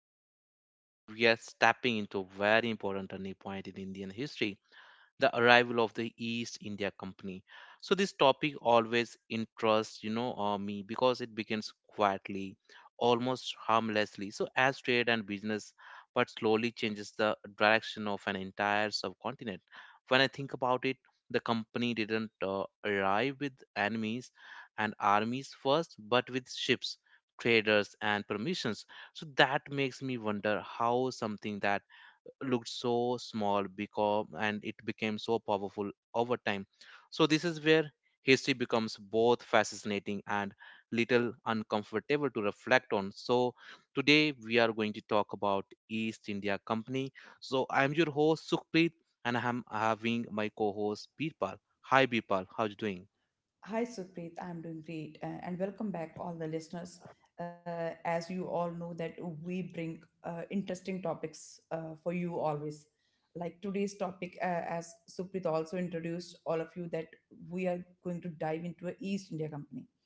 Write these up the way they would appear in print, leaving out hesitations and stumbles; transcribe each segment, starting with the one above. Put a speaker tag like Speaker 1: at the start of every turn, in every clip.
Speaker 1: everyone. And today we are stepping into a very important turning point in Indian history, the arrival of the East India Company. So this topic always interests me because it begins quietly, almost harmlessly. So as trade and business, but slowly changes the direction of an entire subcontinent. When I think about it, the company didn't arrive with enemies and armies first, but with ships, traders, and permissions. So that makes me wonder how something that looked so small because and it became so powerful over time. So this is where history becomes both fascinating and little uncomfortable to reflect on. So today we are going to talk about East India Company. So I am your host Sukhpreet and I am having my co-host Birpal. Hi Birpal, how you doing?
Speaker 2: Hi Supreet, I'm doing great, and welcome back all the listeners. As you all know that we bring interesting topics for you always. Like today's topic, as Supreet also introduced all of you, that we are going to dive into a East India Company.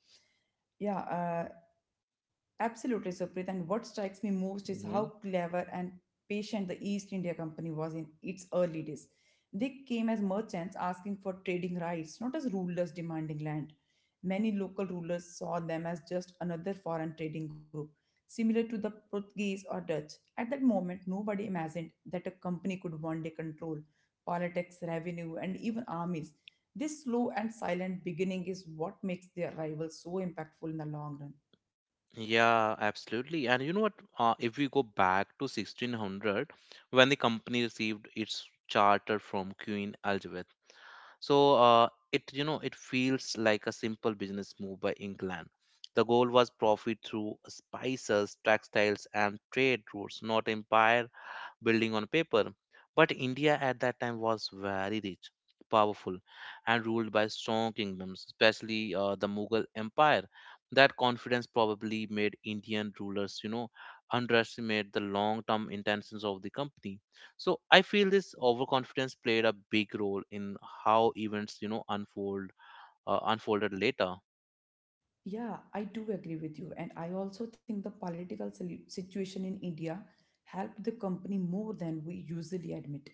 Speaker 2: Yeah, absolutely, Supreet. And what strikes me most is
Speaker 1: hmm
Speaker 2: how clever and patient the East India Company was in its early days. They came as merchants asking for trading rights, not as rulers demanding land. Many local rulers saw them as just another foreign trading group, similar to the Portuguese or Dutch. At that moment, nobody imagined that a company could one day control politics, revenue, and even armies. This slow and silent beginning is what makes their arrival so impactful in the long run.
Speaker 1: Yeah, absolutely. And you know what? If we go back to 1600, when the company received its charter from Queen Elizabeth, so uh, it it feels like a simple business move by England. The goal was profit through spices, textiles, and trade routes, not empire building on paper. But India at that time was very rich, powerful, and ruled by strong kingdoms, especially the Mughal Empire. That confidence probably made Indian rulers, you know, underestimate the long term intentions of the company. So I feel this overconfidence played a big role in how events, you know, unfolded later.
Speaker 2: Yeah, I do agree with you. And I also think the political situation in India helped the company more than we usually admit.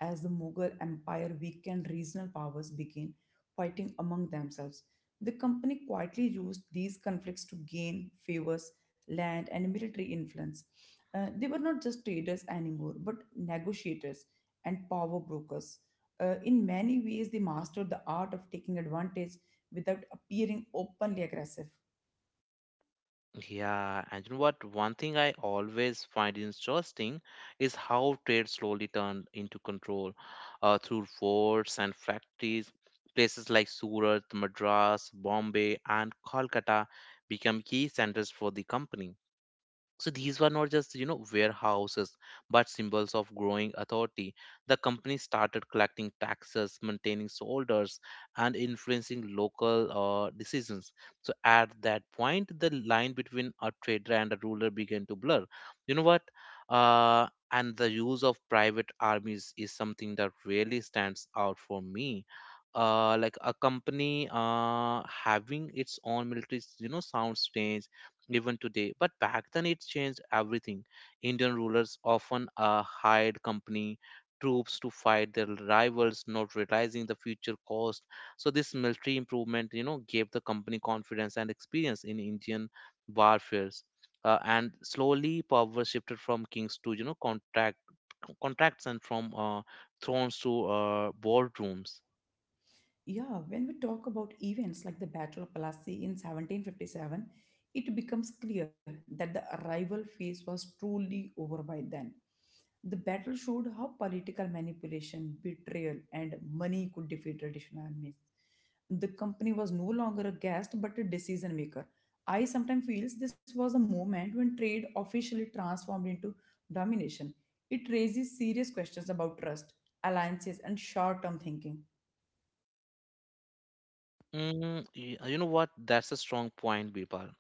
Speaker 2: As the Mughal Empire weakened, regional powers began fighting among themselves. The company quietly used these conflicts to gain favors, land, and military influence. They were not just traders anymore, but negotiators and power brokers. In many ways, they mastered the art of taking advantage without appearing openly aggressive.
Speaker 1: Yeah, and you know what? One thing I always find interesting is how trade slowly turned into control through forts and factories. Places like Surat, Madras, Bombay, and Kolkata became key centers for the company. So these were not just, you know, warehouses, but symbols of growing authority. The company started collecting taxes, maintaining soldiers, and influencing local decisions. So at that point, the line between a trader and a ruler began to blur. You know what? Uh, and the use of private armies is something that really stands out for me. Like a company having its own military sound strange even today, but back then it changed everything. Indian rulers often hired company troops to fight their rivals, not realizing the future cost. So this military improvement, you know, gave the company confidence and experience in Indian warfares. And slowly power shifted from kings to, you know, contracts and from thrones to boardrooms.
Speaker 2: Yeah, when we talk about events like the Battle of Plassey in 1757, it becomes clear that the arrival phase was truly over by then. The battle showed how political manipulation, betrayal, and money could defeat traditional armies. The company was no longer a guest but a decision maker. I sometimes feels this was a moment when trade officially transformed into domination. It raises serious questions about trust, alliances, and short-term thinking.
Speaker 1: You know what? That's a strong point, Birpal.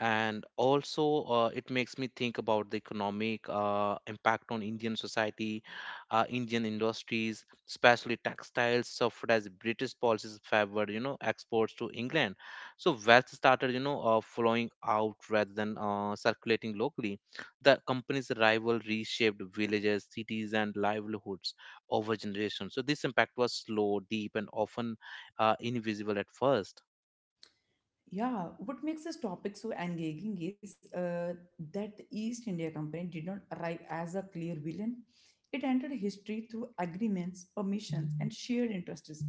Speaker 1: And also it makes me think about the economic impact on Indian society. Indian industries, especially textiles, suffered as British policies favored, you know, exports to England. So wealth started, you know, flowing out rather than circulating locally. The company's rival reshaped villages, cities, and livelihoods over generations. So this impact was slow, deep, and often invisible at first.
Speaker 2: Yeah, what makes this topic so engaging is that the East India Company did not arrive as a clear villain. It entered history through agreements, permissions, and shared interests.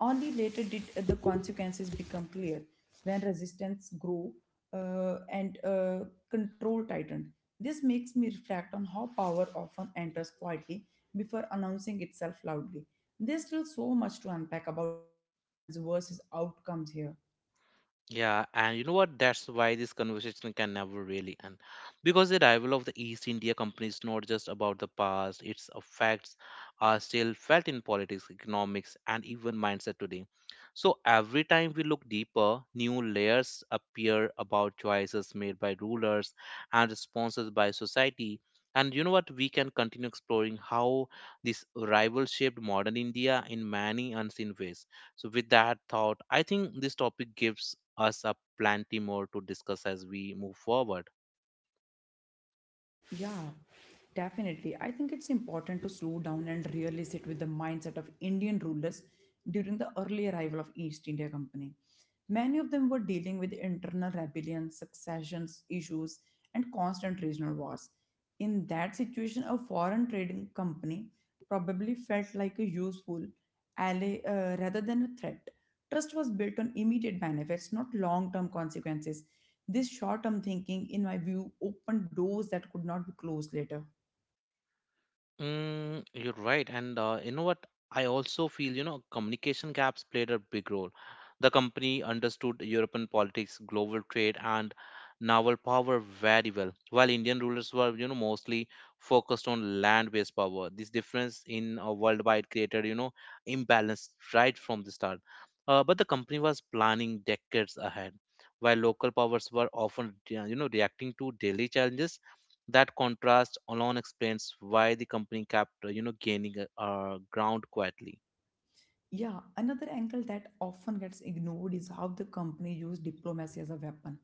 Speaker 2: Only later did the consequences become clear when resistance grew, and control tightened. This makes me reflect on how power often enters quietly before announcing itself loudly. There's still so much to unpack about intentions versus outcomes here.
Speaker 1: Yeah, and you know what? That's why this conversation can never really end. Because the arrival of the East India Company is not just about the past, its effects are still felt in politics, economics, and even mindset today. So every time we look deeper, new layers appear about choices made by rulers and responses by society. And you know what? We can continue exploring how this arrival shaped modern India in many unseen ways. So, with that thought, I think this topic gives us up plenty more to discuss as we move forward.
Speaker 2: Yeah, definitely. I think it's important to slow down and really sit with the mindset of Indian rulers during the early arrival of East India Company. Many of them were dealing with internal rebellions, succession issues, and constant regional wars. In that situation, a foreign trading company probably felt like a useful ally rather than a threat. Trust was built on immediate benefits, not long term consequences. This short term thinking, in my view, opened doors that could not be closed later.
Speaker 1: Mm, you're right. And you know what? I also feel, you know, communication gaps played a big role. The company understood European politics, global trade, and naval power very well, while Indian rulers were, you know, mostly focused on land-based power. This difference in worldwide created, you know, imbalance right from the start. But the company was planning decades ahead, while local powers were often, you know, reacting to daily challenges. That contrast alone explains why the company kept, you know, gaining ground quietly.
Speaker 2: Yeah, another angle that often gets ignored is how the company used diplomacy as a weapon.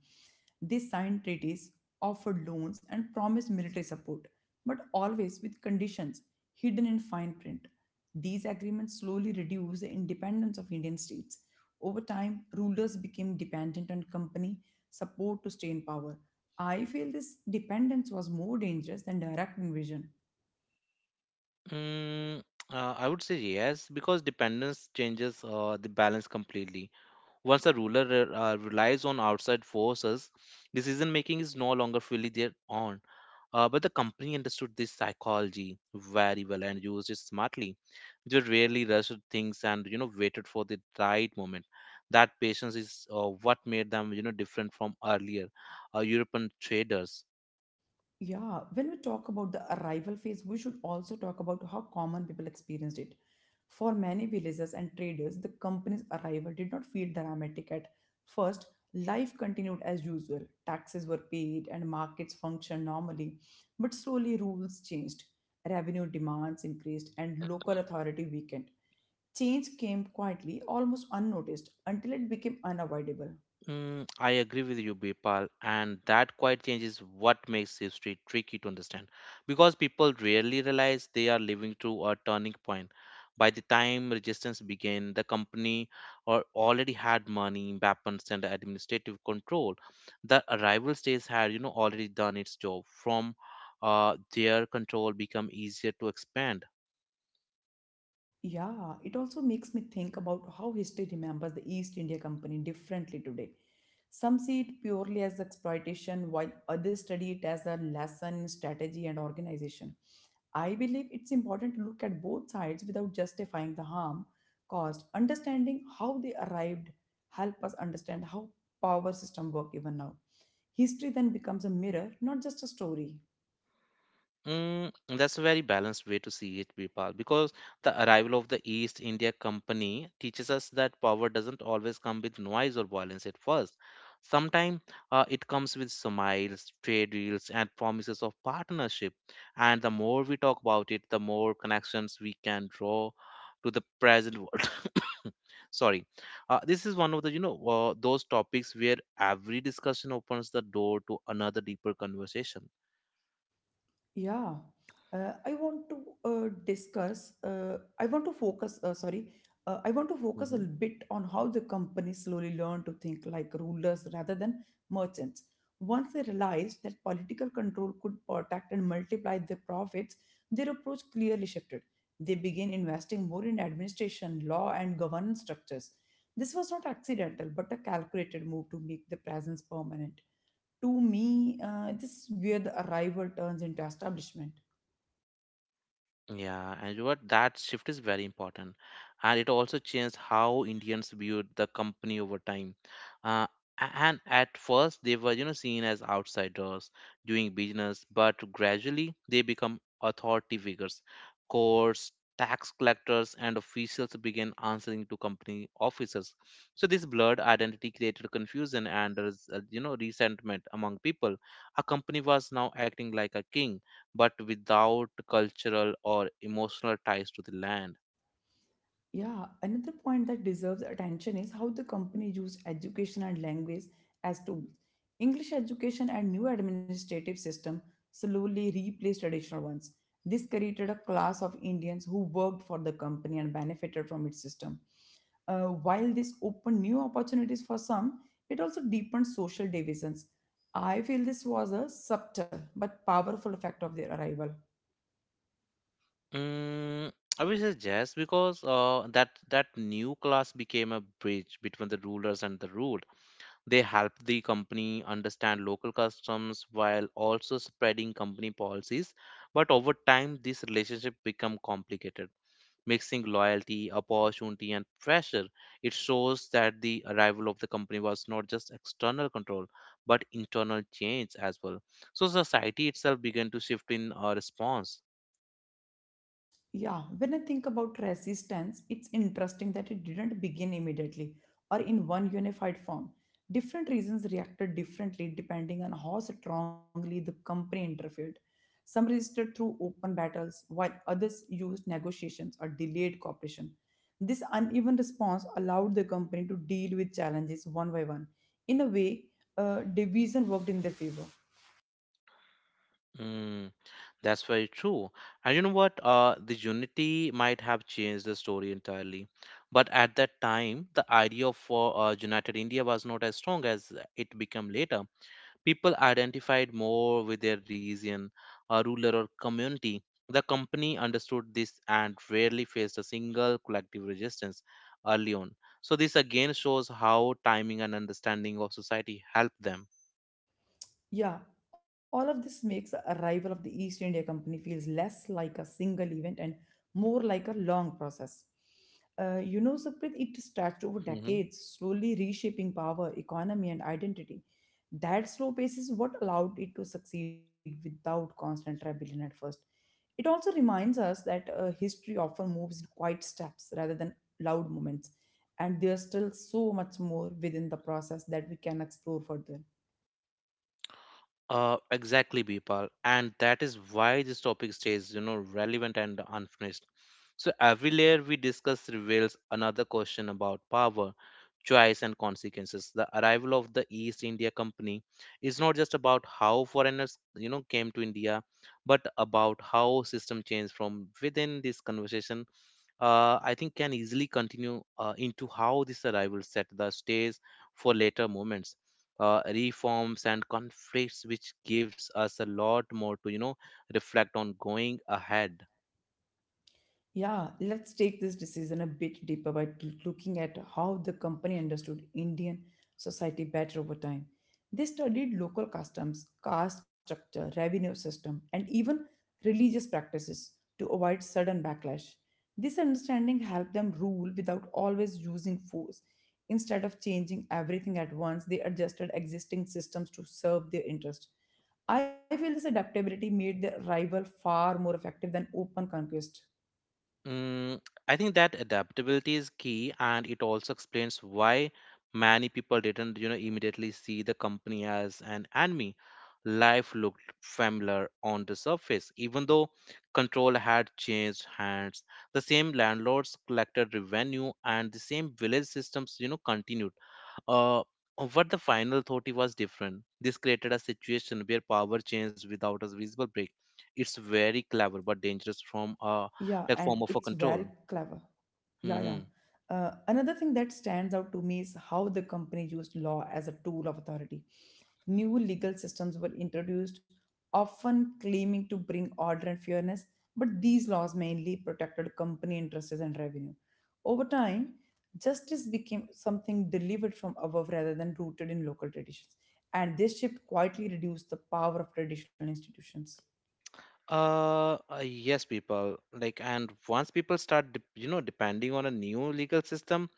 Speaker 2: They signed treaties, offered loans, and promised military support, but always with conditions hidden in fine print. These agreements slowly reduced the independence of Indian states. Over time, rulers became dependent on company support to stay in power. I feel this dependence was more dangerous than direct invasion.
Speaker 1: Mm, I would say yes, because dependence changes the balance completely. Once a relies on outside forces, decision making is no longer fully their own. But the company understood this psychology very well and used it smartly. They rarely rushed things and you know waited for the right moment. That patience is what made them, you know, different from earlier European traders.
Speaker 2: Yeah, when we talk about the arrival phase, we should also talk about how common people experienced it. For many villagers and traders, the company's arrival did not feel dramatic at first. Life continued as usual. Taxes were paid and markets functioned normally, but slowly rules changed. Revenue demands increased and local authority weakened. Change came quietly, almost unnoticed, until it became unavoidable.
Speaker 1: Mm, I agree with you, Bipal, and that quite changes what makes history tricky to understand because people rarely realize they are living through a turning point. By the time resistance began, the company or already had money, weapons, and administrative control. The arrival states had, you know, already done its job. From their control, become easier to expand.
Speaker 2: Yeah, it also makes me think about how history remembers the East India Company differently today. Some see it purely as exploitation, while others study it as a lesson in strategy and organization. I believe it's important to look at both sides without justifying the harm caused. Understanding how they arrived help us understand how power system work even now. History then becomes a mirror, not just a story.
Speaker 1: Mm, that's a very balanced way to see it, Vipal, because the arrival of the East India Company teaches us that power doesn't always come with noise or violence at first. Sometimes it comes with smiles, trade deals, and promises of partnership. And the more we talk about it, the more connections we can draw to the present world. Sorry, this is one of the those topics where every discussion opens the door to another deeper conversation.
Speaker 2: Yeah, I want to discuss. I want to focus. Sorry, I want to focus a
Speaker 1: Mm-hmm.
Speaker 2: bit on how the company slowly learned to think like rulers rather than merchants. Once they realized that political control could protect and multiply their profits, their approach clearly shifted. They began investing more in administration, law, and governance structures. This was not accidental, but a calculated move to make the presence permanent to me, this is where the arrival turns into establishment.
Speaker 1: Yeah, and you what that shift is very important, and it also changed how Indians viewed the company over time. Uh, and at first, they were, you know, seen as outsiders doing business, but gradually they become authority figures. Courts, tax collectors, and officials began answering to company officers. So this blurred identity created confusion and there is, you know, resentment among people. A company was now acting like a king but without cultural or emotional ties to the land.
Speaker 2: Yeah, another point that deserves attention is how the company used education and language as tools. English education and new administrative system slowly replaced traditional ones. This created a class of Indians who worked for the company and benefited from its system. While this opened new opportunities for some, it also deepened social divisions. I feel this was a subtle but powerful effect of their arrival.
Speaker 1: Mm, I would say yes because that new class became a bridge between the rulers and the ruled. They helped the company understand local customs while also spreading company policies. But over time, this relationship become complicated mixing loyalty, opportunity, and pressure. It shows that the arrival of the company was not just external control, but internal change as well. So society itself began to shift in response.
Speaker 2: Yeah, when I think about resistance, it's interesting that it didn't begin immediately or in one unified form. Different regions reacted differently depending on how strongly the company interfered. Some resisted through open battles, while others used negotiations or delayed cooperation. This uneven response allowed the company to deal with challenges one by one. In a way, division worked in their favor.
Speaker 1: Mm, that's very true. And you know what? The unity might have changed the story entirely. But at that time, the idea for United India was not as strong as it became later. People identified more with their region, a ruler, or community. The company understood this and rarely faced a single collective resistance early on. So, this again shows how timing and understanding of society helped them.
Speaker 2: Yeah, all of this makes the arrival of the East India Company feels less like a single event and more like a long process. Saprit, it stretched over
Speaker 1: Mhm.
Speaker 2: decades, slowly reshaping power, economy, and identity. That slow pace is what allowed it to succeed without constant rebellion at first. It also reminds us that history often moves in quiet steps rather than loud moments, and there's still so much more within the process that we can explore further.
Speaker 1: Exactly, Bipal. And that is why this topic stays, you know, relevant and unfinished. So every layer we discuss reveals another question about power, choice, and consequences. The arrival of the East India Company is not just about how foreigners, you know, came to India, but about how system changed from within. This conversation I think can easily continue into how this arrival set the stage for later movements, reforms, and conflicts, which gives us a lot more to, you know, reflect on going ahead.
Speaker 2: Yeah, let's take this decision a bit deeper by looking at how the company understood Indian society better over time. They studied local customs, caste structure, revenue system, and even religious practices to avoid sudden backlash. This understanding helped them rule without always using force. Instead of changing everything at once, they adjusted existing systems to serve their interests. I feel this adaptability made their rival far more effective than open conquest.
Speaker 1: Mm, I think that adaptability is key, and it also explains why many people didn't, you know, immediately see the company as an enemy. Life looked familiar on the surface, even though control had changed hands. The same landlords collected revenue, and the same village systems, you know, continued. Uh, what the final thought it was different. This created a situation where power changed without a visible break. It's very clever but dangerous from
Speaker 2: Yeah,
Speaker 1: a
Speaker 2: and it's
Speaker 1: like form
Speaker 2: very
Speaker 1: of a control.
Speaker 2: clever. Yeah, yeah.
Speaker 1: hmm
Speaker 2: Another thing that stands out to me is how the company used law as a tool of authority. New legal systems were introduced, often claiming to bring order and fairness, but these laws mainly protected company interests and revenue. Over time, justice became something delivered from above rather than rooted in local traditions, and this shift quietly reduced the power of traditional institutions.
Speaker 1: Yes, people. Like, and once people start, depending on a new legal system,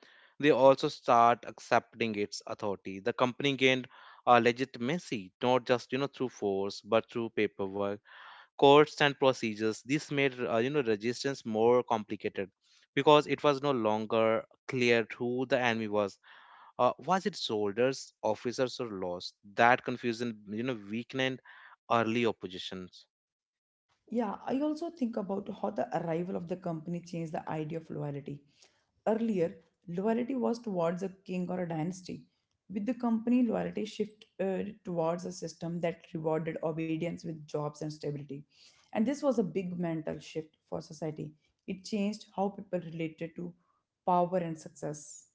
Speaker 1: they also start accepting its authority. The company gained legitimacy, not just, you know, through force, but through paperwork, courts, and procedures. This made, you know, resistance more complicated because it was no longer clear who the enemy was. Was it soldiers, officers, or laws? That confusion, you know, weakened early oppositions.
Speaker 2: Yeah, I also think about how the arrival of the company changed the idea of loyalty. Earlier, loyalty was towards a king or a dynasty. With the company, loyalty shifted towards a system that rewarded obedience with jobs and stability. And this was a big mental shift for society. It changed how people related to power and success.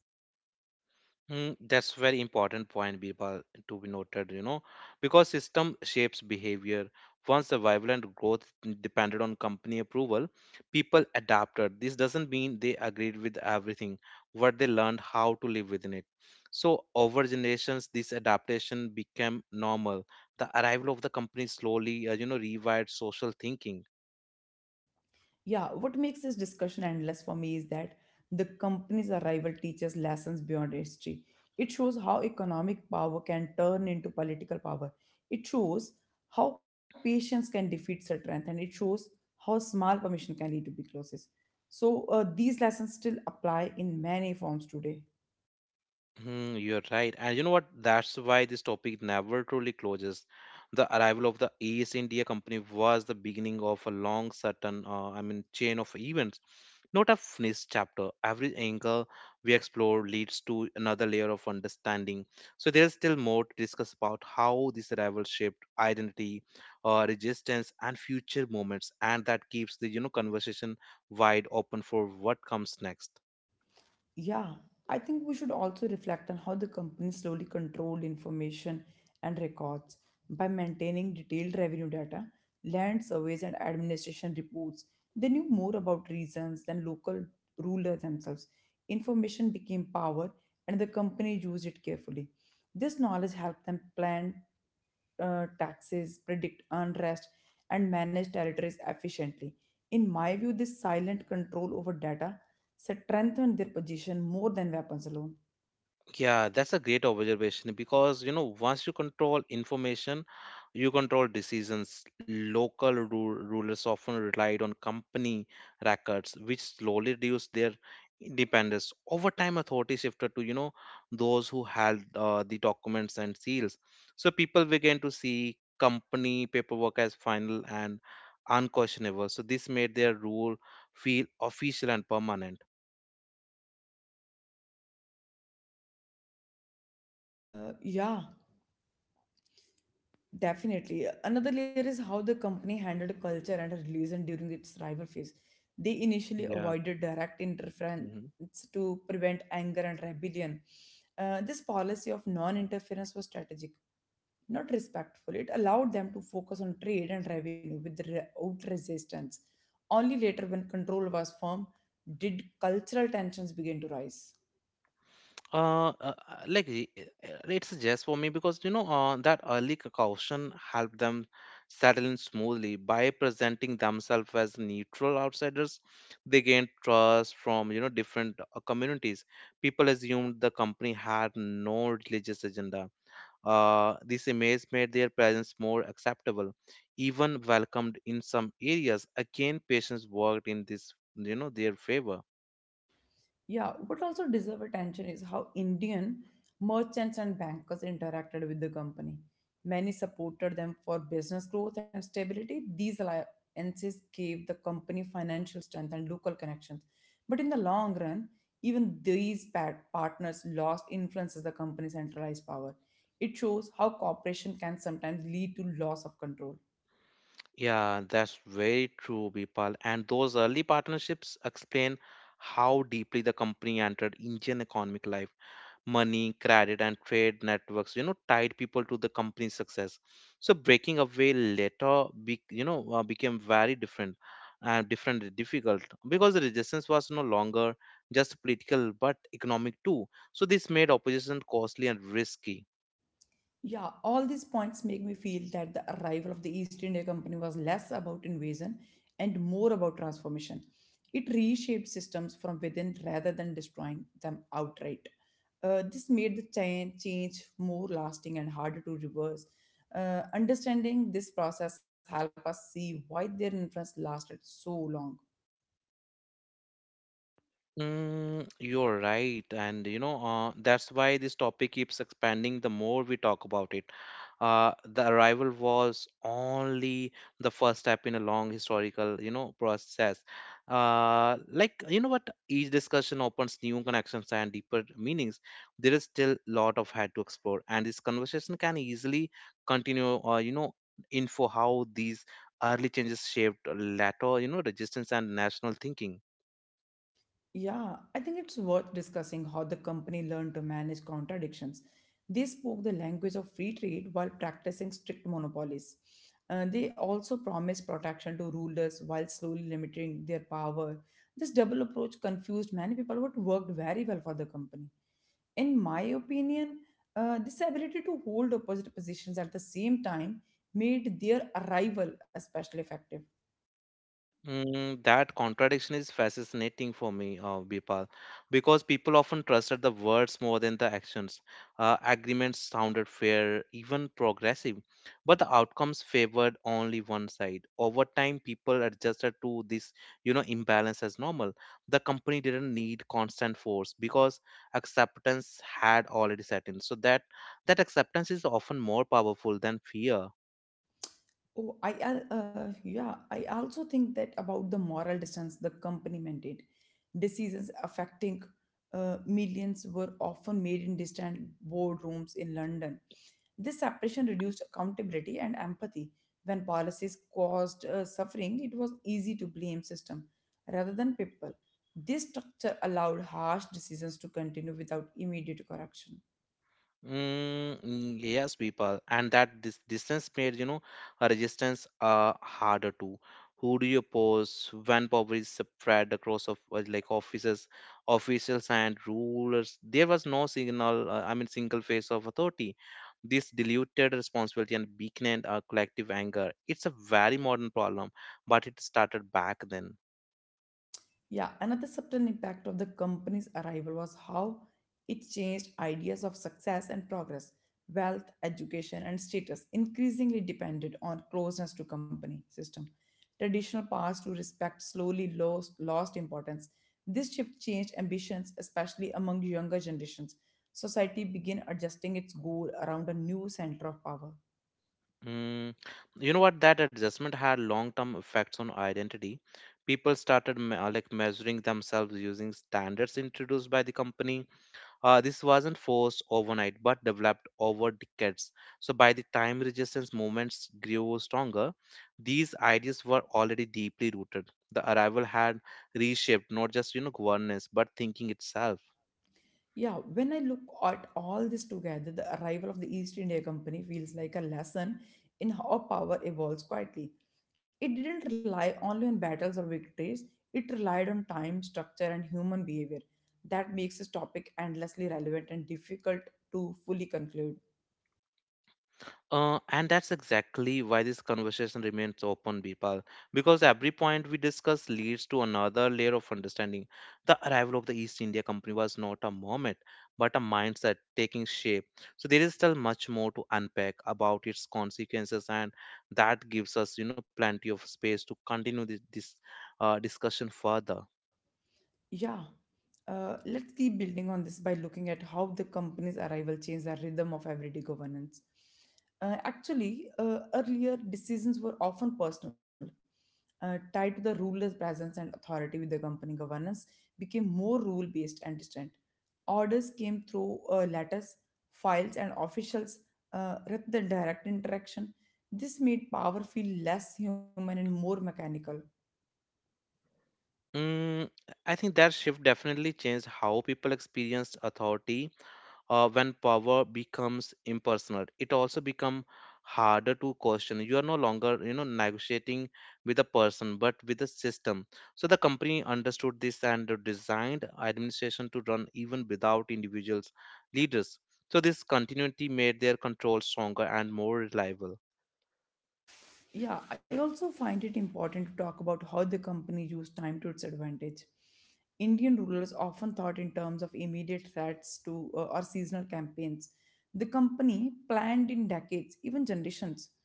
Speaker 1: Mm, that's very important point, Birbal, to be noted, you know, because system shapes behavior. Once the violent growth depended on company approval, people adapted. This doesn't mean they agreed with everything, but they learned how to live within it. So over generations, this adaptation became normal. The arrival of the company slowly, you know, rewired social thinking.
Speaker 2: Yeah, what makes this discussion endless for me is that the company's arrival teaches lessons beyond history. It shows how economic power can turn into political power. It shows how patience can defeat strength, and it shows how small permission can lead to big losses. So, these lessons still apply in many forms today.
Speaker 1: Hmm, you're right. And you know what? That's why this topic never truly closes. The arrival of the East India Company was the beginning of a long certain, I mean, chain of events. Not a finished chapter. Every angle we explore leads to another layer of understanding. So there's still more to discuss about how this arrival shaped identity, resistance, and future moments, and that keeps the conversation wide open for what comes next.
Speaker 2: Yeah, I think we should also reflect on how the company slowly controlled information and records by maintaining detailed revenue data, land surveys, and administration reports. They knew more about reasons than local rulers themselves. Information became power, and the company used it carefully. This knowledge helped them plan taxes, predict unrest, and manage territories efficiently. In my view, this silent control over data strengthen their position more than weapons alone.
Speaker 1: Yeah, that's a great observation because once you control information, you control decisions. Local rulers often relied on company records, which slowly reduced their independence. Over time, authority shifted to those who held the documents and seals. So people began to see company paperwork as final and unquestionable. So this made their rule feel official and permanent.
Speaker 2: Yeah, definitely. Another layer is how the company handled culture and religion during its rival phase. They initially
Speaker 1: Yeah.
Speaker 2: avoided direct interference to prevent anger and rebellion. This policy of non interference was strategic, not respectful. It allowed them to focus on trade and revenue without resistance. Only later, when control was firm, did cultural tensions begin to rise.
Speaker 1: uh, uh uh, like i- i- it's just for me because that early caution helped them settle in smoothly. By presenting themselves as neutral outsiders, they gained trust from different communities. People assumed the company had no religious agenda. This image made their presence more acceptable, even welcomed in some areas. Again, patients worked in this their favor.
Speaker 2: Yeah, what also deserves attention is how Indian merchants and bankers interacted with the company. Many supported them for business growth and stability. These alliances gave the company financial strength and local connections. But in the long run, even these partners lost influence as the company centralized power. It shows how cooperation can sometimes lead to loss of control.
Speaker 1: Yeah, that's very true, Bipal. And those early partnerships explain how deeply the company entered Indian economic life. Money, credit, and trade networks, you know, tied people to the company's success. So breaking away later, became very different, different, and difficult because the resistance was no longer just political but economic too. So this made opposition costly and risky.
Speaker 2: Yeah, all these points make me feel that the arrival of the East India Company was less about invasion and more about transformation. It reshaped systems from within rather than destroying them outright. This made the change more lasting and harder to reverse. Understanding this process help us see why their influence lasted so long.
Speaker 1: Mm, you're right. And that's why this topic keeps expanding the more we talk about it. The arrival was only the first step in a long historical, you know, process. Like, you know what? Each discussion opens new connections and deeper meanings. There is still lot of had to explore, and this conversation can easily continue, info how these early changes shaped later, you know, resistance and national thinking.
Speaker 2: Yeah, I think it's worth discussing how the company learned to manage contradictions. They spoke the language of free trade while practicing strict monopolies. They also promised protection to rulers while slowly limiting their power. This double approach confused many people, but worked very well for the company. In my opinion, this ability to hold opposite positions at the same time made their arrival especially effective.
Speaker 1: Mm, that contradiction is fascinating for me, Bipal, because people often trusted the words more than the actions. Agreements sounded fair, even progressive, but the outcomes favored only one side. Over time, people adjusted to this, you know, imbalance as normal. The company didn't need constant force because acceptance had already set in. So that acceptance is often more powerful than fear.
Speaker 2: I also think that about the moral distance the company maintained. Decisions affecting millions were often made in distant boardrooms in London. This separation reduced accountability and empathy. When policies caused suffering, it was easy to blame system rather than people. This structure allowed harsh decisions to continue without immediate correction.
Speaker 1: Mm, mm, yes, people, and that this distance made a resistance harder to. Who do you oppose when poverty spread across of like offices, officials and rulers? There was no signal. I mean, single face of authority. This diluted responsibility and weakened our collective anger. It's a very modern problem, but it started back then.
Speaker 2: Yeah, another subtle impact of the company's arrival was how it changed ideas of success and progress. Wealth, education, and status increasingly depended on closeness to company system. Traditional paths to respect slowly lost importance. This shift changed ambitions, especially among younger generations. Society began adjusting its goal around a new center of power.
Speaker 1: Mm, you know what? That adjustment had long-term effects on identity. People started measuring themselves using standards introduced by the company. This wasn't forced overnight, but developed over decades. So by the time resistance movements grew stronger, these ideas were already deeply rooted. The arrival had reshaped not just governance, but thinking itself.
Speaker 2: Yeah, when I look at all this together, the arrival of the East India Company feels like a lesson in how power evolves quietly. It didn't rely only on battles or victories, it relied on time, structure, and human behavior. That makes this topic endlessly relevant and difficult to fully conclude.
Speaker 1: And that's exactly why this conversation remains open, Bipal, because every point we discuss leads to another layer of understanding. The arrival of the East India Company was not a moment, but a mindset taking shape. So there is still much more to unpack about its consequences, and that gives us, you know, plenty of space to continue this discussion further.
Speaker 2: Yeah. Let's keep building on this by looking at how the company's arrival changed the rhythm of everyday governance. Actually, earlier decisions were often personal. Tied to the ruler's presence and authority with the company governance became more rule based and distant. Orders came through letters, files, and officials rather than direct interaction. This made power feel less human and more mechanical.
Speaker 1: Mm, I think that shift definitely changed how people experienced authority. When power becomes impersonal, it also become harder to question. You are no longer negotiating with a person but with a system. So the company understood this and designed administration to run even without individuals leaders. So this continuity made their control stronger and more reliable.
Speaker 2: Yeah, I also find it important to talk about how the company used time to its advantage. Indian rulers often thought in terms of immediate threats to or seasonal campaigns. The company planned in decades, even generations.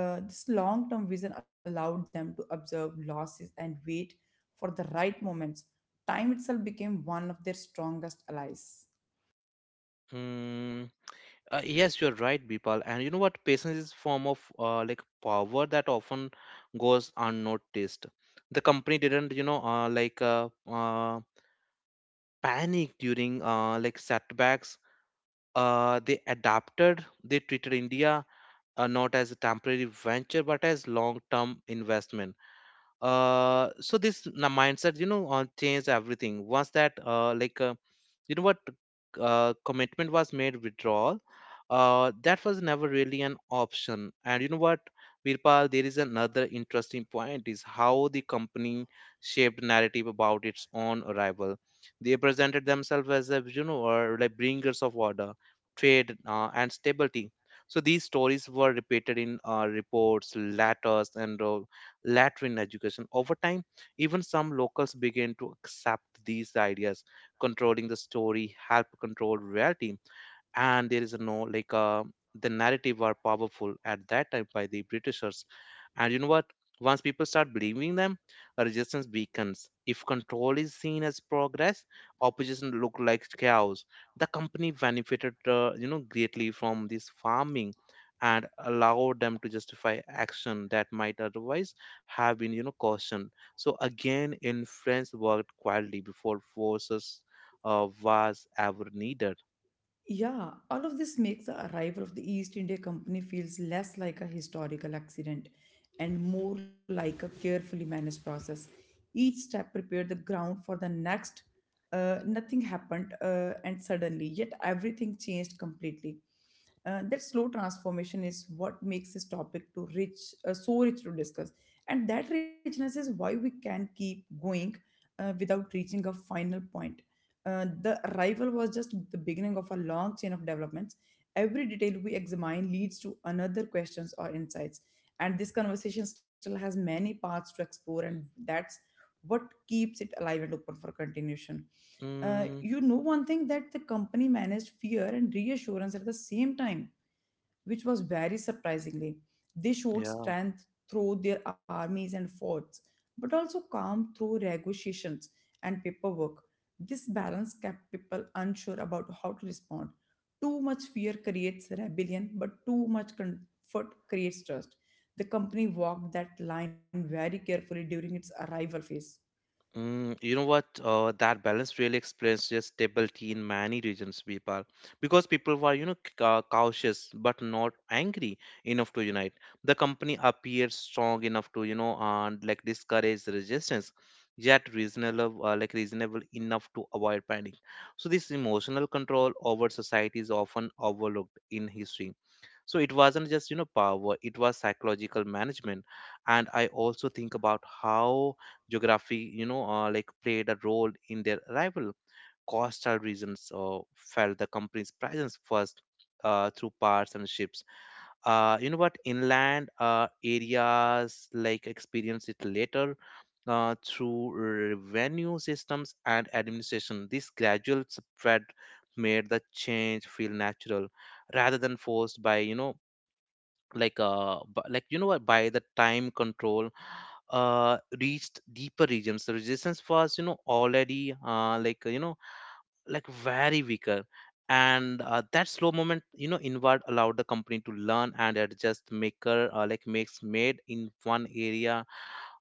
Speaker 2: This long term vision allowed them to observe losses and wait for the right moments. Time itself became one of their strongest allies.
Speaker 1: Hmm. Yes, you're right, Bipal. And you know what? Patience is a form of like power that often goes unnoticed. The company didn't, panic during like setbacks. They adapted. They treated India not as a temporary venture, but as long-term investment. So this mindset, you know, changed everything. Once that, you know what, commitment was made, withdrawal, that was never really an option. And you know what, virpal, there is another interesting point is how the company shaped narrative about its own arrival. They presented themselves as a, or like, bringers of order, trade, and stability. So these stories were repeated in reports, letters, and later in education. Over time, even some locals began to accept these ideas. Controlling the story help control reality. And there is a no the narrative were powerful at that time by the britishers. And you know what, once people start believing them, a resistance weakens. If control is seen as progress, opposition look like chaos. The company benefited greatly from this farming, and allowed them to justify action that might otherwise have been cautioned. So again, influence worked quietly before forces was ever needed.
Speaker 2: Yeah, all of this makes the arrival of the East India Company feels less like a historical accident and more like a carefully managed process. Each step prepared the ground for the next. Nothing happened, and suddenly, yet everything changed completely. That slow transformation is what makes this topic to rich, so rich to discuss, and that richness is why we can keep going without reaching a final point. The arrival was just the beginning of a long chain of developments. Every detail we examine leads to another questions or insights. And this conversation still has many paths to explore, and that's what keeps it alive and open for continuation.
Speaker 1: Mm.
Speaker 2: You know, one thing that the company managed fear and reassurance at the same time which was very surprisingly. They showed
Speaker 1: Yeah.
Speaker 2: strength through their armies and forts, but also calm through negotiations and paperwork. This balance kept people unsure about how to respond. Too much fear creates rebellion, but too much comfort creates trust. The company walked that line very carefully during its arrival phase.
Speaker 1: Mm, you know what? That balance really explains just stability in many regions, people, because people were, cautious but not angry enough to unite. The company appeared strong enough to, you know, and like discourage resistance, yet reasonable, reasonable enough to avoid panic. So this emotional control over society is often overlooked in history. So it wasn't just, you know, power, it was psychological management. And I also think about how Geography, played a role in their arrival. Coastal regions felt the company's presence first through parts and ships. You know what? Inland areas like experienced it later through revenue systems and administration. This gradual spread made the change feel natural rather than forced by you know what, by the time control reached deeper regions, the resistance was already very weaker. And that slow moment, you know, inward allowed the company to learn and adjust. Maker like makes made in one area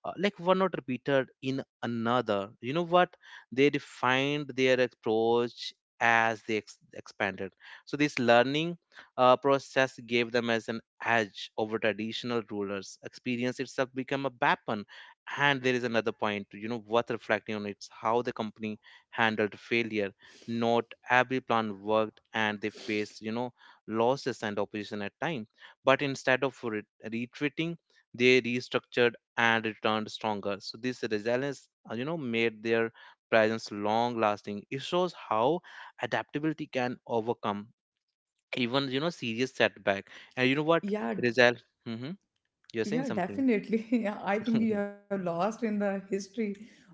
Speaker 1: one not repeated in another, you know what, they defined their approach as expanded. So this learning process gave them as an edge over traditional rulers. Experience itself became a weapon. And there is another point, you know, worth reflecting on. It's how the company handled failure. Not every plan worked, and they faced, you know, losses and opposition at time. But instead of retreating, they restructured and returned stronger. So this resilience, you know, made their presence long lasting. It shows how adaptability can overcome even, you know, serious setback. And you know what,
Speaker 2: Yeah,
Speaker 1: Rizal, hmm, you're saying
Speaker 2: yeah,
Speaker 1: something.
Speaker 2: definitely. Yeah, I think you have lost in the history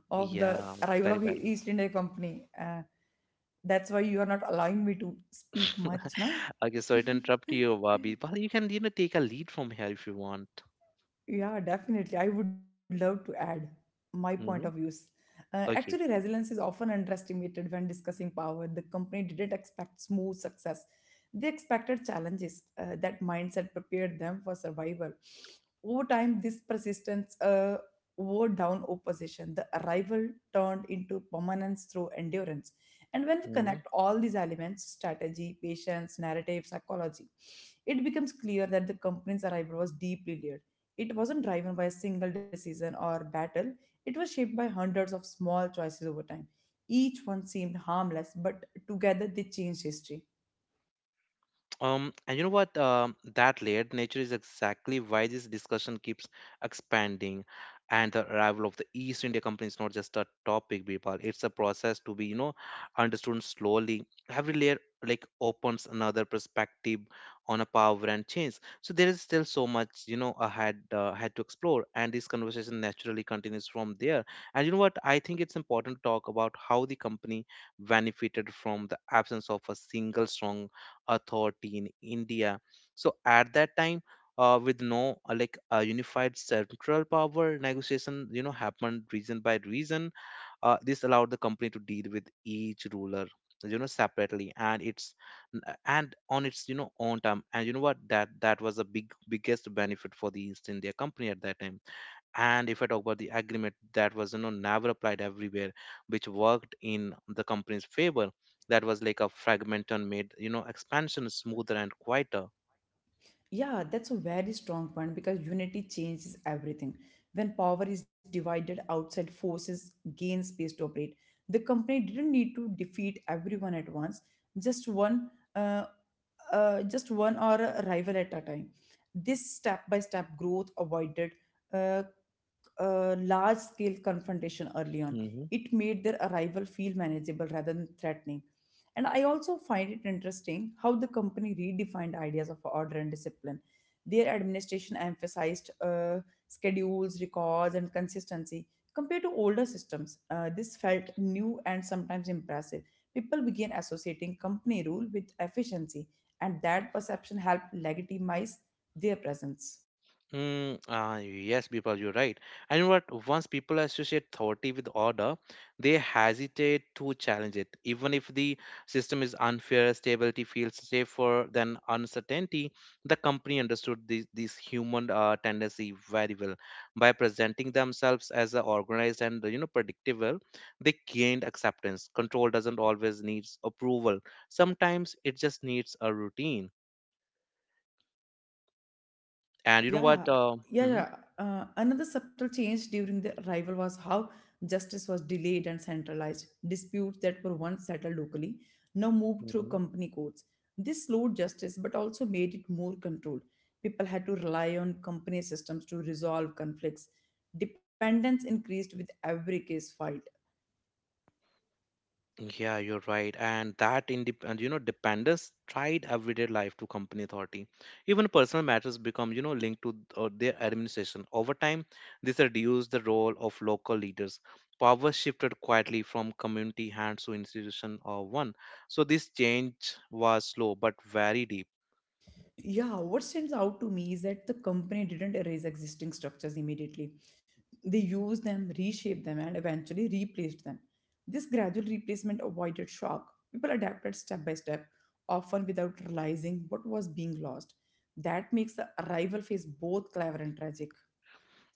Speaker 2: of the
Speaker 1: Yeah,
Speaker 2: arrival
Speaker 1: very
Speaker 2: of
Speaker 1: valid.
Speaker 2: East India Company. That's why you are not allowing me to speak much, na?
Speaker 1: Okay, so to interrupt you, Wabi. But you can, you know, take a lead from here if you want.
Speaker 2: Yeah, definitely. I would love to add my point of
Speaker 1: Hmm.
Speaker 2: views. Actually,
Speaker 1: Okay.
Speaker 2: resilience is often underestimated when discussing power. The company didn't expect smooth success, they expected challenges. That mindset prepared them for survival. Over time, this persistence wore down opposition. The arrival turned into permanence through endurance. And when we
Speaker 1: Mm-hmm.
Speaker 2: connect all these elements strategy, patience, narrative, psychology it becomes clear that the company's arrival was deeply layered it wasn't driven by a single decision or battle, it was shaped by hundreds of small choices over time. Each one seemed harmless, but together they changed history.
Speaker 1: And you know what? That layered nature is exactly why this discussion keeps expanding. And the arrival of the East India Company is not just a topic, people. It's a process to be, you know, understood slowly. Every layer like opens another perspective on a power and change. So there is still so much, you know, ahead had to explore. And this conversation naturally continues from there. And you know what? I think it's important to talk about how the company benefited from the absence of a single strong authority in India. So at that time, with no unified central power, negotiation, you know, happened region by region. This allowed the company to deal with each ruler, you know, separately and it's and on its, you know, own time. And you know what, that was a big biggest benefit for the east india company at that time. And if I talk about the agreement that was, you know, never applied everywhere, which worked in the company's favor, that was like a fragment and made, you know, expansion smoother and quieter.
Speaker 2: Yeah, that's a very strong point because unity changes everything. When power is divided, outside forces gain space to operate. The company didn't need to defeat everyone at once, just one uh, just one or a rival at a time. This step by step growth avoided uh, large scale confrontation early on.
Speaker 1: Mhm.
Speaker 2: It made their arrival feel manageable rather than threatening. And I also find it interesting how the company redefined ideas of order and discipline. Their administration emphasized schedules, records, and consistency compared to older systems. This felt new and sometimes impressive. People began associating company rule with efficiency, and that perception helped legitimize their presence.
Speaker 1: Mm, yes, people, you're right. And you know what, once people associate authority with order, they hesitate to challenge it. Even if the system is unfair, stability feels safer than uncertainty. The company understood this human tendency very well. By presenting themselves as organized and, you know, predictable, they gained acceptance. Control doesn't always needs approval. Sometimes it just needs a routine. And you know what?
Speaker 2: Yeah, yeah, yeah. Another subtle change during the arrival was how justice was delayed and centralized. Disputes that were once settled locally now moved through
Speaker 1: Mhm.
Speaker 2: company courts. This slowed justice but also made it more controlled. People had to rely on company systems to resolve conflicts. Dependence increased with every case filed.
Speaker 1: Yeah, you're right. And that and, you know, dependence tried everyday life to company authority. Even personal matters become, you know, linked to their administration. Over time, this reduced the role of local leaders. Power shifted quietly from community hands to institution or one. So this change was slow but very deep.
Speaker 2: Yeah, what stands out to me is that the company didn't erase existing structures immediately. They used them, reshaped them, and eventually replaced them. This gradual replacement avoided shock. People adapted step by step, often without realizing what was being lost. That makes the arrival phase both clever and tragic.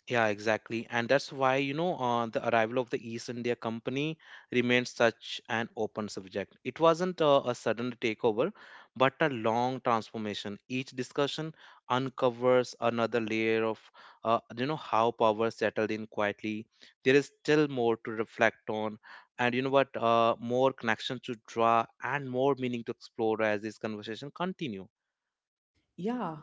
Speaker 1: Yeah, exactly. And that's why, the arrival of the East India Company remained such an open subject. It wasn't a sudden takeover, but a long transformation. Each discussion uncovers another layer of, you know, how power settled in quietly. There is still more to reflect on, and you know what, more connections to draw and more meaning to explore as this conversation continue.
Speaker 2: Yeah,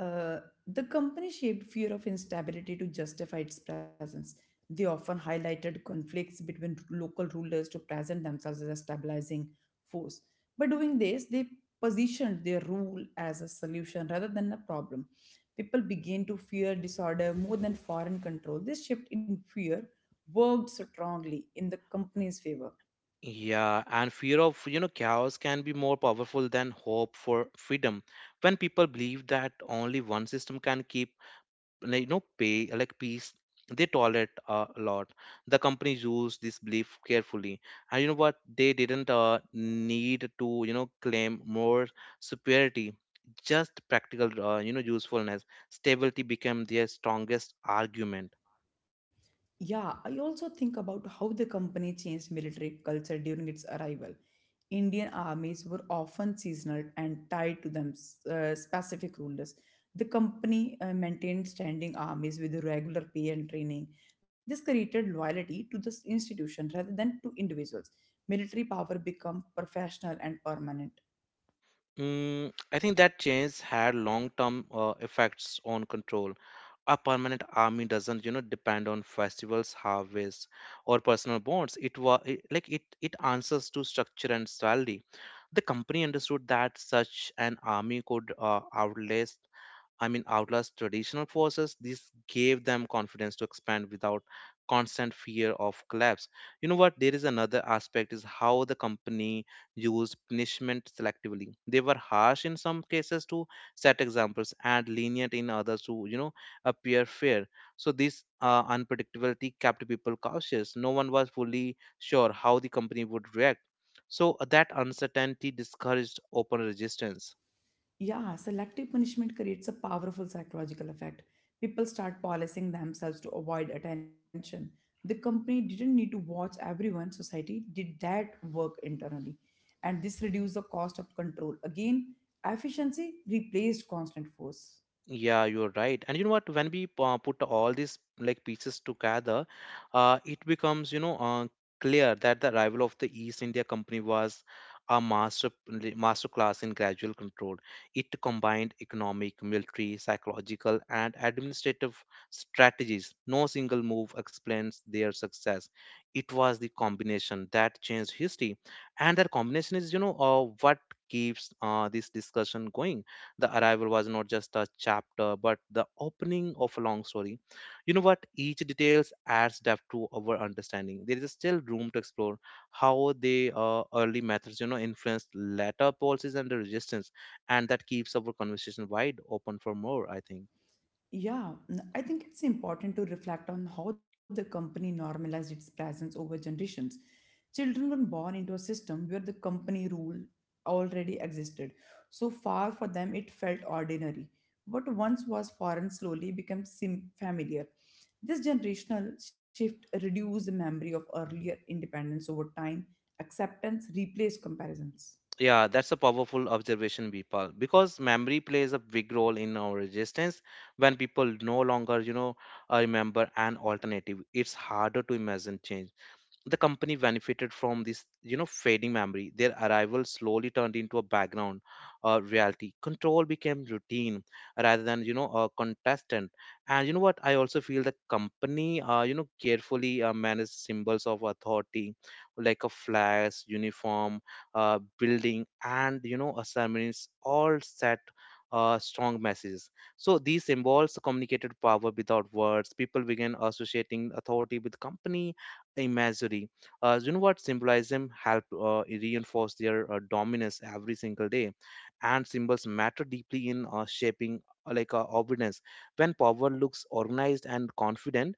Speaker 2: uh, the company shaped fear of instability to justify its presence. They often highlighted conflicts between local rulers to present themselves as a stabilizing force. By doing this, they positioned their rule as a solution rather than a problem. People began to fear disorder more than foreign control. This shift in fear worked strongly in the company's favor.
Speaker 1: Yeah, and fear of, chaos can be more powerful than hope for freedom. When people believe that only one system can keep, pay like peace, they tolerate a lot. The companies use this belief carefully, and you know what? They didn't need to, claim more superiority. Just practical, usefulness. Stability became their strongest argument.
Speaker 2: Yeah, I also think about how the company changed military culture during its arrival. Indian armies were often seasonal and tied to them specific rulers. The company maintained standing armies with regular pay and training. This created loyalty to this institution rather than to individuals. Military power became professional and permanent.
Speaker 1: Mm, I think that change had long-term effects on control. A permanent army doesn't depend on festivals, harvests, or personal bonds. It was like it it answers to structure and salary. The company understood that such an army could outlast traditional forces. This gave them confidence to expand without constant fear of collapse. You know what? There is another aspect is how the company used punishment selectively. They were harsh in some cases to set examples and lenient in others to, appear fair. So this unpredictability kept people cautious. No one was fully sure how the company would react. So that uncertainty discouraged open resistance.
Speaker 2: Yeah, selective punishment creates a powerful psychological effect. People start policing themselves to avoid attention. The company didn't need to watch everyone, society did that work internally. And this reduced the cost of control. Again, efficiency replaced constant force.
Speaker 1: Yeah, you're right. And you know what? When we put all these like pieces together, it becomes, clear that the arrival of the East India Company was a master class in gradual control. It combined economic, military, psychological, and administrative strategies. No single move explains their success. It was the combination that changed history, and that combination is, what keeps this discussion going. The arrival was not just a chapter, but the opening of a long story. You know what? Each details adds depth to our understanding. There is still room to explore how the early methods, influenced later policies and the resistance, and that keeps our conversation wide open for more. I think.
Speaker 2: Yeah, I think it's important to reflect on how the company normalized its presence over generations. Children were born into a system where the company rule already existed. So far for them, it felt ordinary. What once was foreign slowly became familiar. This generational shift reduced the memory of earlier independence over time. Acceptance replaced comparisons.
Speaker 1: Yeah, that's a powerful observation, Bipal, because memory plays a big role in our resistance. When people no longer, remember an alternative, it's harder to imagine change. The company benefited from this fading memory. Their arrival slowly turned into a background reality. Control became routine rather than a contestant. And you know what? I also feel the company carefully managed symbols of authority like a flag, uniform, building, and a ceremonies all set strong messages. So these symbols communicated power without words. People began associating authority with company imagery. You know what, symbolism help reinforce their dominance every single day, and symbols matter deeply in shaping obedience. When power looks organized and confident,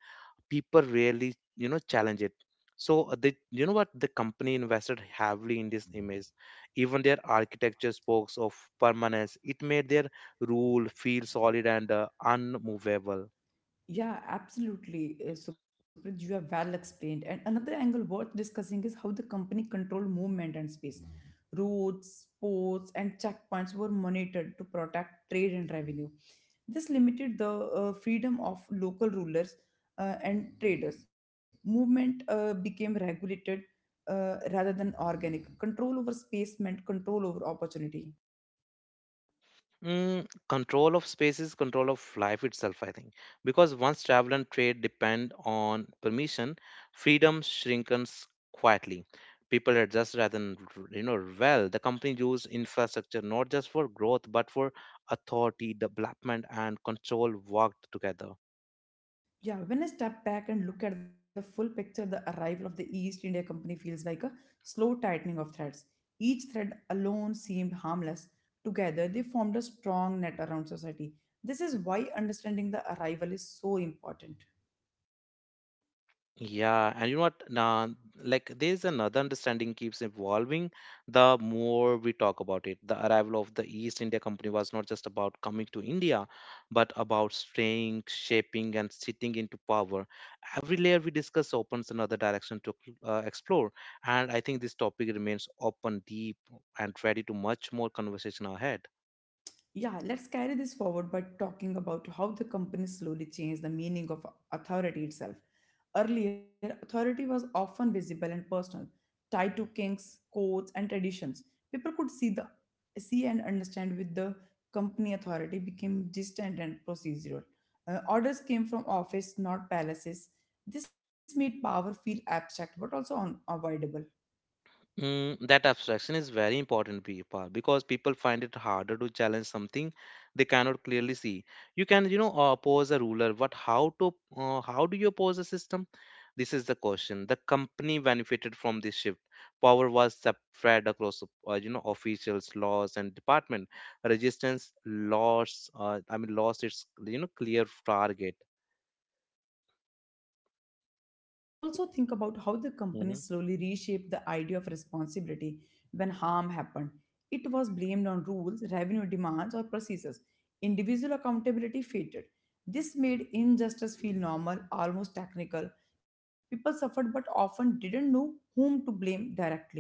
Speaker 1: people rarely challenge it. So you know what, the company invested heavily in this image. Even their architecture spoke of permanence. It made their rule feel solid and unmovable.
Speaker 2: Yeah, absolutely, Sucrit, you have well explained. And another angle worth discussing is how the company control movement and space. Roads, ports, and checkpoints were monitored to protect trade and revenue. This limited the freedom of local rulers and traders. Movement became regulated rather than organic. Control over space meant control over opportunity.
Speaker 1: Mm, control of space is control of life itself, I think. Because once travel and trade depend on permission, freedom shrinks quietly. People adjust rather than, well, the company use infrastructure not just for growth, but for authority, development, and control worked together.
Speaker 2: Yeah, when I step back and look at the full picture, the arrival of the East India Company feels like a slow tightening of threads. Each thread alone seemed harmless. Together, they formed a strong net around society. This is why understanding the arrival is so important.
Speaker 1: Yeah, and you know what? Nah, like there's another understanding keeps evolving the more we talk about it. The arrival of the East India Company was not just about coming to India, but about staying, shaping, and sitting into power. Every layer we discuss opens another direction to explore, and I think this topic remains open, deep, and ready to much more conversation ahead.
Speaker 2: Yeah, let's carry this forward by talking about how the company slowly changed the meaning of authority itself. Earlier, authority was often visible and personal, tied to kings, courts, and traditions. People could see the see and understand with the company authority became distant and procedural. Orders came from office, not palaces. This made power feel abstract but also unavoidable.
Speaker 1: Mm, that abstraction is very important people, because people find it harder to challenge something they cannot clearly see. You can, oppose a ruler, but how do you oppose a system? This is the question. The company benefited from this shift. Power was spread across, officials, laws, and department. Resistance lost its, clear target.
Speaker 2: Yeah, I also think about how the company
Speaker 1: Mm-hmm.
Speaker 2: slowly reshaped the idea of responsibility when harm happened. It was blamed on rules, revenue demands, or processes. Individual accountability faded. This made injustice feel normal, almost technical. People suffered but often didn't know whom to blame directly.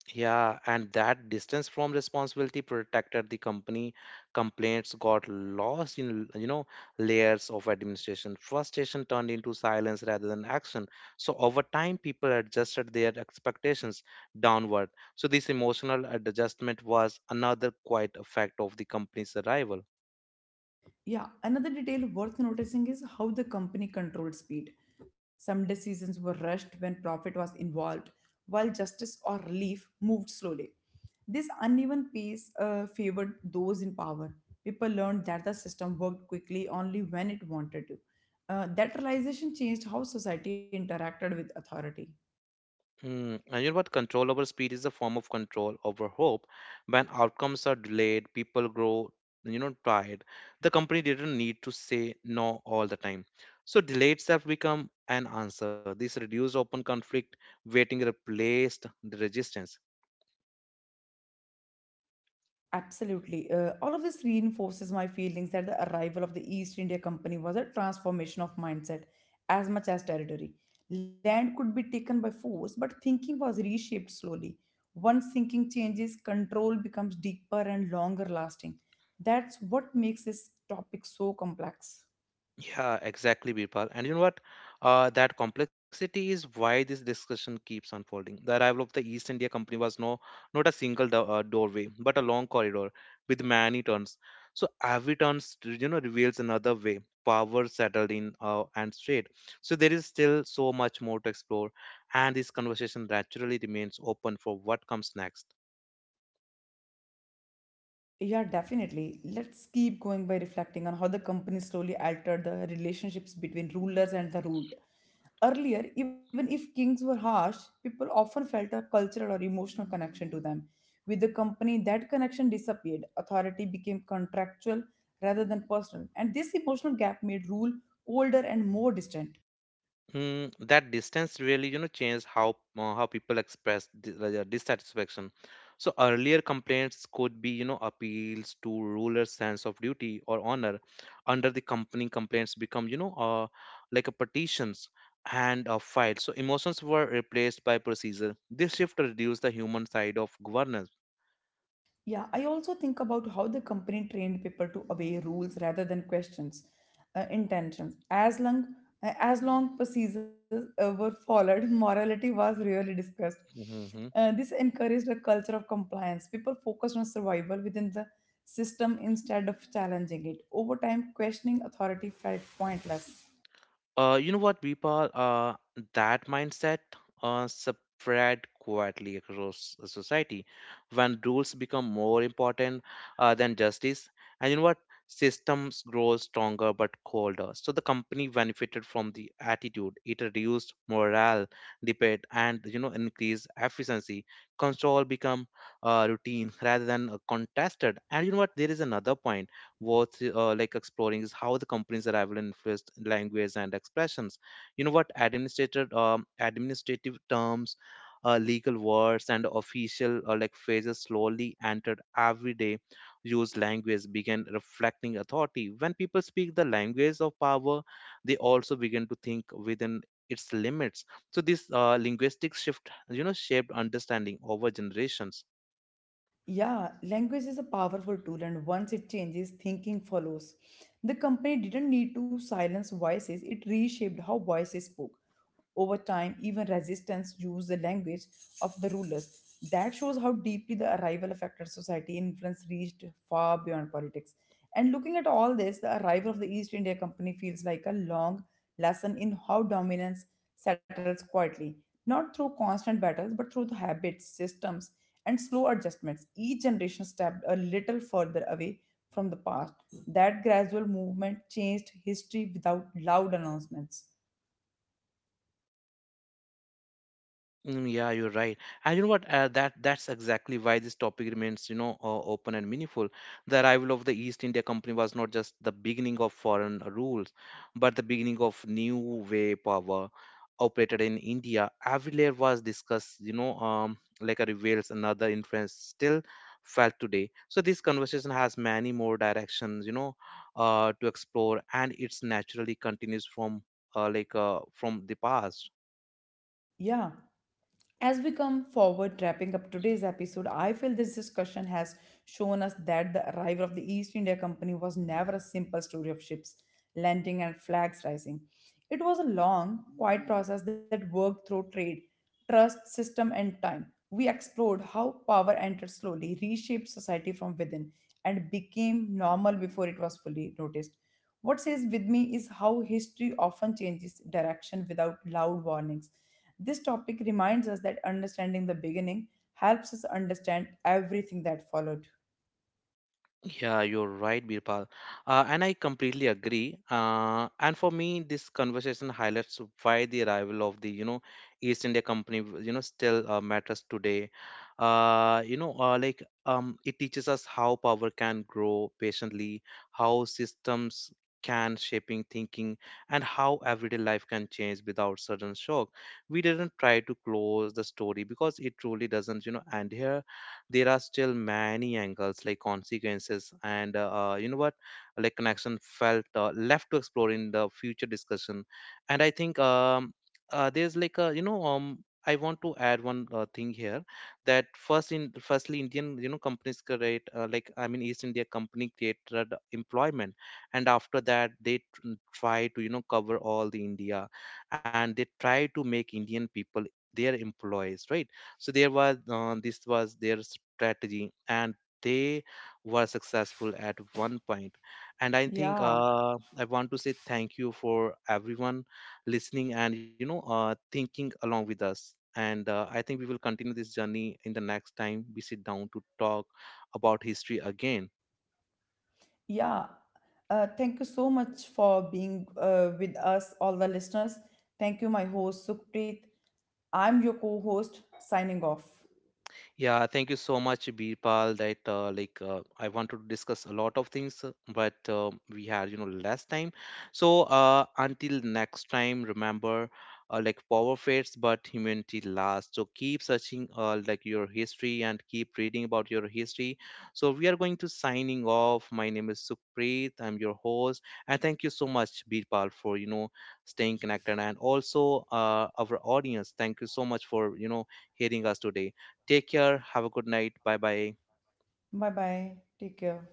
Speaker 1: Yeah, and that distance from responsibility protected the company. Complaints got lost in, layers of administration. Frustration turned into silence rather than action. So over time, people adjusted their expectations downward. So this emotional adjustment was another quite effect of the company's arrival.
Speaker 2: Yeah, another detail worth noticing is how the company controlled speed. Some decisions were rushed when profit was involved, while justice or relief moved slowly. This uneven pace favored those in power. People learned that the system worked quickly only when it wanted to. That realization changed how society interacted with authority.
Speaker 1: Mm, and you know what? Control over speed is a form of control over hope. When outcomes are delayed, people grow, tired. The company didn't need to say no all the time. So delays have become an answer. This reduced open conflict, waiting replaced the resistance.
Speaker 2: Absolutely. All of this reinforces my feelings that the arrival of the East India Company was a transformation of mindset as much as territory. Land could be taken by force, but thinking was reshaped slowly. Once thinking changes, control becomes deeper and longer lasting. That's what makes this topic so complex.
Speaker 1: Yeah, exactly, Birpal. And you know what? That complexity is why this discussion keeps unfolding. The arrival of the East India Company was no, not a single doorway, but a long corridor with many turns. So every turn, reveals another way. Power settled in and straight. So there is still so much more to explore, and this conversation naturally remains open for what comes next.
Speaker 2: Yeah, definitely. Let's keep going by reflecting on how the company slowly altered the relationships between rulers and the ruled. Earlier, even if kings were harsh, people often felt a cultural or emotional connection to them. With the company, that connection disappeared. Authority became contractual rather than personal, and this emotional gap made rule colder and more distant.
Speaker 1: Mm, that distance really, changed how people express like, their dissatisfaction. So earlier complaints could be, appeals to ruler's sense of duty or honor. Under the company, complaints become, like a petitions and a file. So emotions were replaced by procedure. This shift reduced the human side of governance.
Speaker 2: Yeah, I also think about how the company trained people to obey rules rather than questions, intentions. As long procedures were followed, morality was rarely discussed.
Speaker 1: Mhm.
Speaker 2: This encouraged a culture of compliance. People focused on survival within the system instead of challenging it. Over time, questioning authority felt pointless.
Speaker 1: You know what, Deepa? That mindset spread quietly across the society when rules become more important than justice. And you know what? Systems grow stronger but colder. So the company benefited from the attitude. It reduced morale, debate, and increased efficiency. Control become routine rather than contested. And you know what? There is another point worth exploring is how the company's arrival influenced language and expressions. You know what, administrative administrative terms, legal words, and official phrases slowly entered everyday used language, began reflecting authority. When people speak the language of power, they also begin to think within its limits. So this linguistic shift, shaped understanding over generations.
Speaker 2: Yeah, language is a powerful tool, and once it changes, thinking follows. The company didn't need to silence voices, it reshaped how voices spoke. Over time, even resistance used the language of the rulers. That shows how deeply the arrival affected society. Influence reached far beyond politics. And looking at all this, the arrival of the East India Company feels like a long lesson in how dominance settles quietly not through constant battles but through the habits systems and slow adjustments each generation stepped a little further away from the past that gradual movement changed history without loud announcements
Speaker 1: Mm, yeah, you're right. And you know what? That's exactly why this topic remains, open and meaningful. The arrival of the East India Company was not just the beginning of foreign rules, but the beginning of new way power operated in India. Every layer was discussed, like a reveals another influence still felt today. So this conversation has many more directions, to explore, and it's naturally continues from, from the past.
Speaker 2: yeah As we come forward, wrapping up today's episode, I feel this discussion has shown us that the arrival of the East India Company was never a simple story of ships landing and flags rising. It was a long, quiet process that worked through trade, trust, system, and time. We explored how power entered slowly, reshaped society from within, and became normal before it was fully noticed. What stays with me is how history often changes direction without loud warnings. This topic reminds us that understanding the beginning helps us understand everything that followed.
Speaker 1: Yeah, you're right, Birpal. And I completely agree. And for me, this conversation highlights why the arrival of the, East India Company, still matters today. It teaches us how power can grow patiently, how systems can shaping thinking, and how everyday life can change without sudden shock. We didn't try to close the story because it truly doesn't, end here. There are still many angles like consequences and you know what like connection felt left to explore in the future discussion. And I think there's like a you know I want to add one thing here that firstly Indian companies create East India company created employment, and after that they try to cover all the India, and they try to make Indian people their employees, right? So there was this was their strategy, and they were successful at one point. And I think
Speaker 2: Yeah,
Speaker 1: I want to say thank you for everyone listening and thinking along with us, and I think we will continue this journey in the next time we sit down to talk about history again.
Speaker 2: yeah. Thank you so much for being with us, all the listeners. Thank you, my host, Sukhpreet. I'm your co host, signing off.
Speaker 1: Yeah, thank you so much, Birpal. That like I wanted to discuss a lot of things, but we had less time. So until next time, remember, power fades, but humanity lasts. So keep searching your history and keep reading about your history. So we are going to signing off. My name is Sukhpreet. I'm your host, and thank you so much, Birpal, for staying connected, and also our audience. Thank you so much for hearing us today. Take care. Have a good night. Bye bye.
Speaker 2: Bye bye. Take care.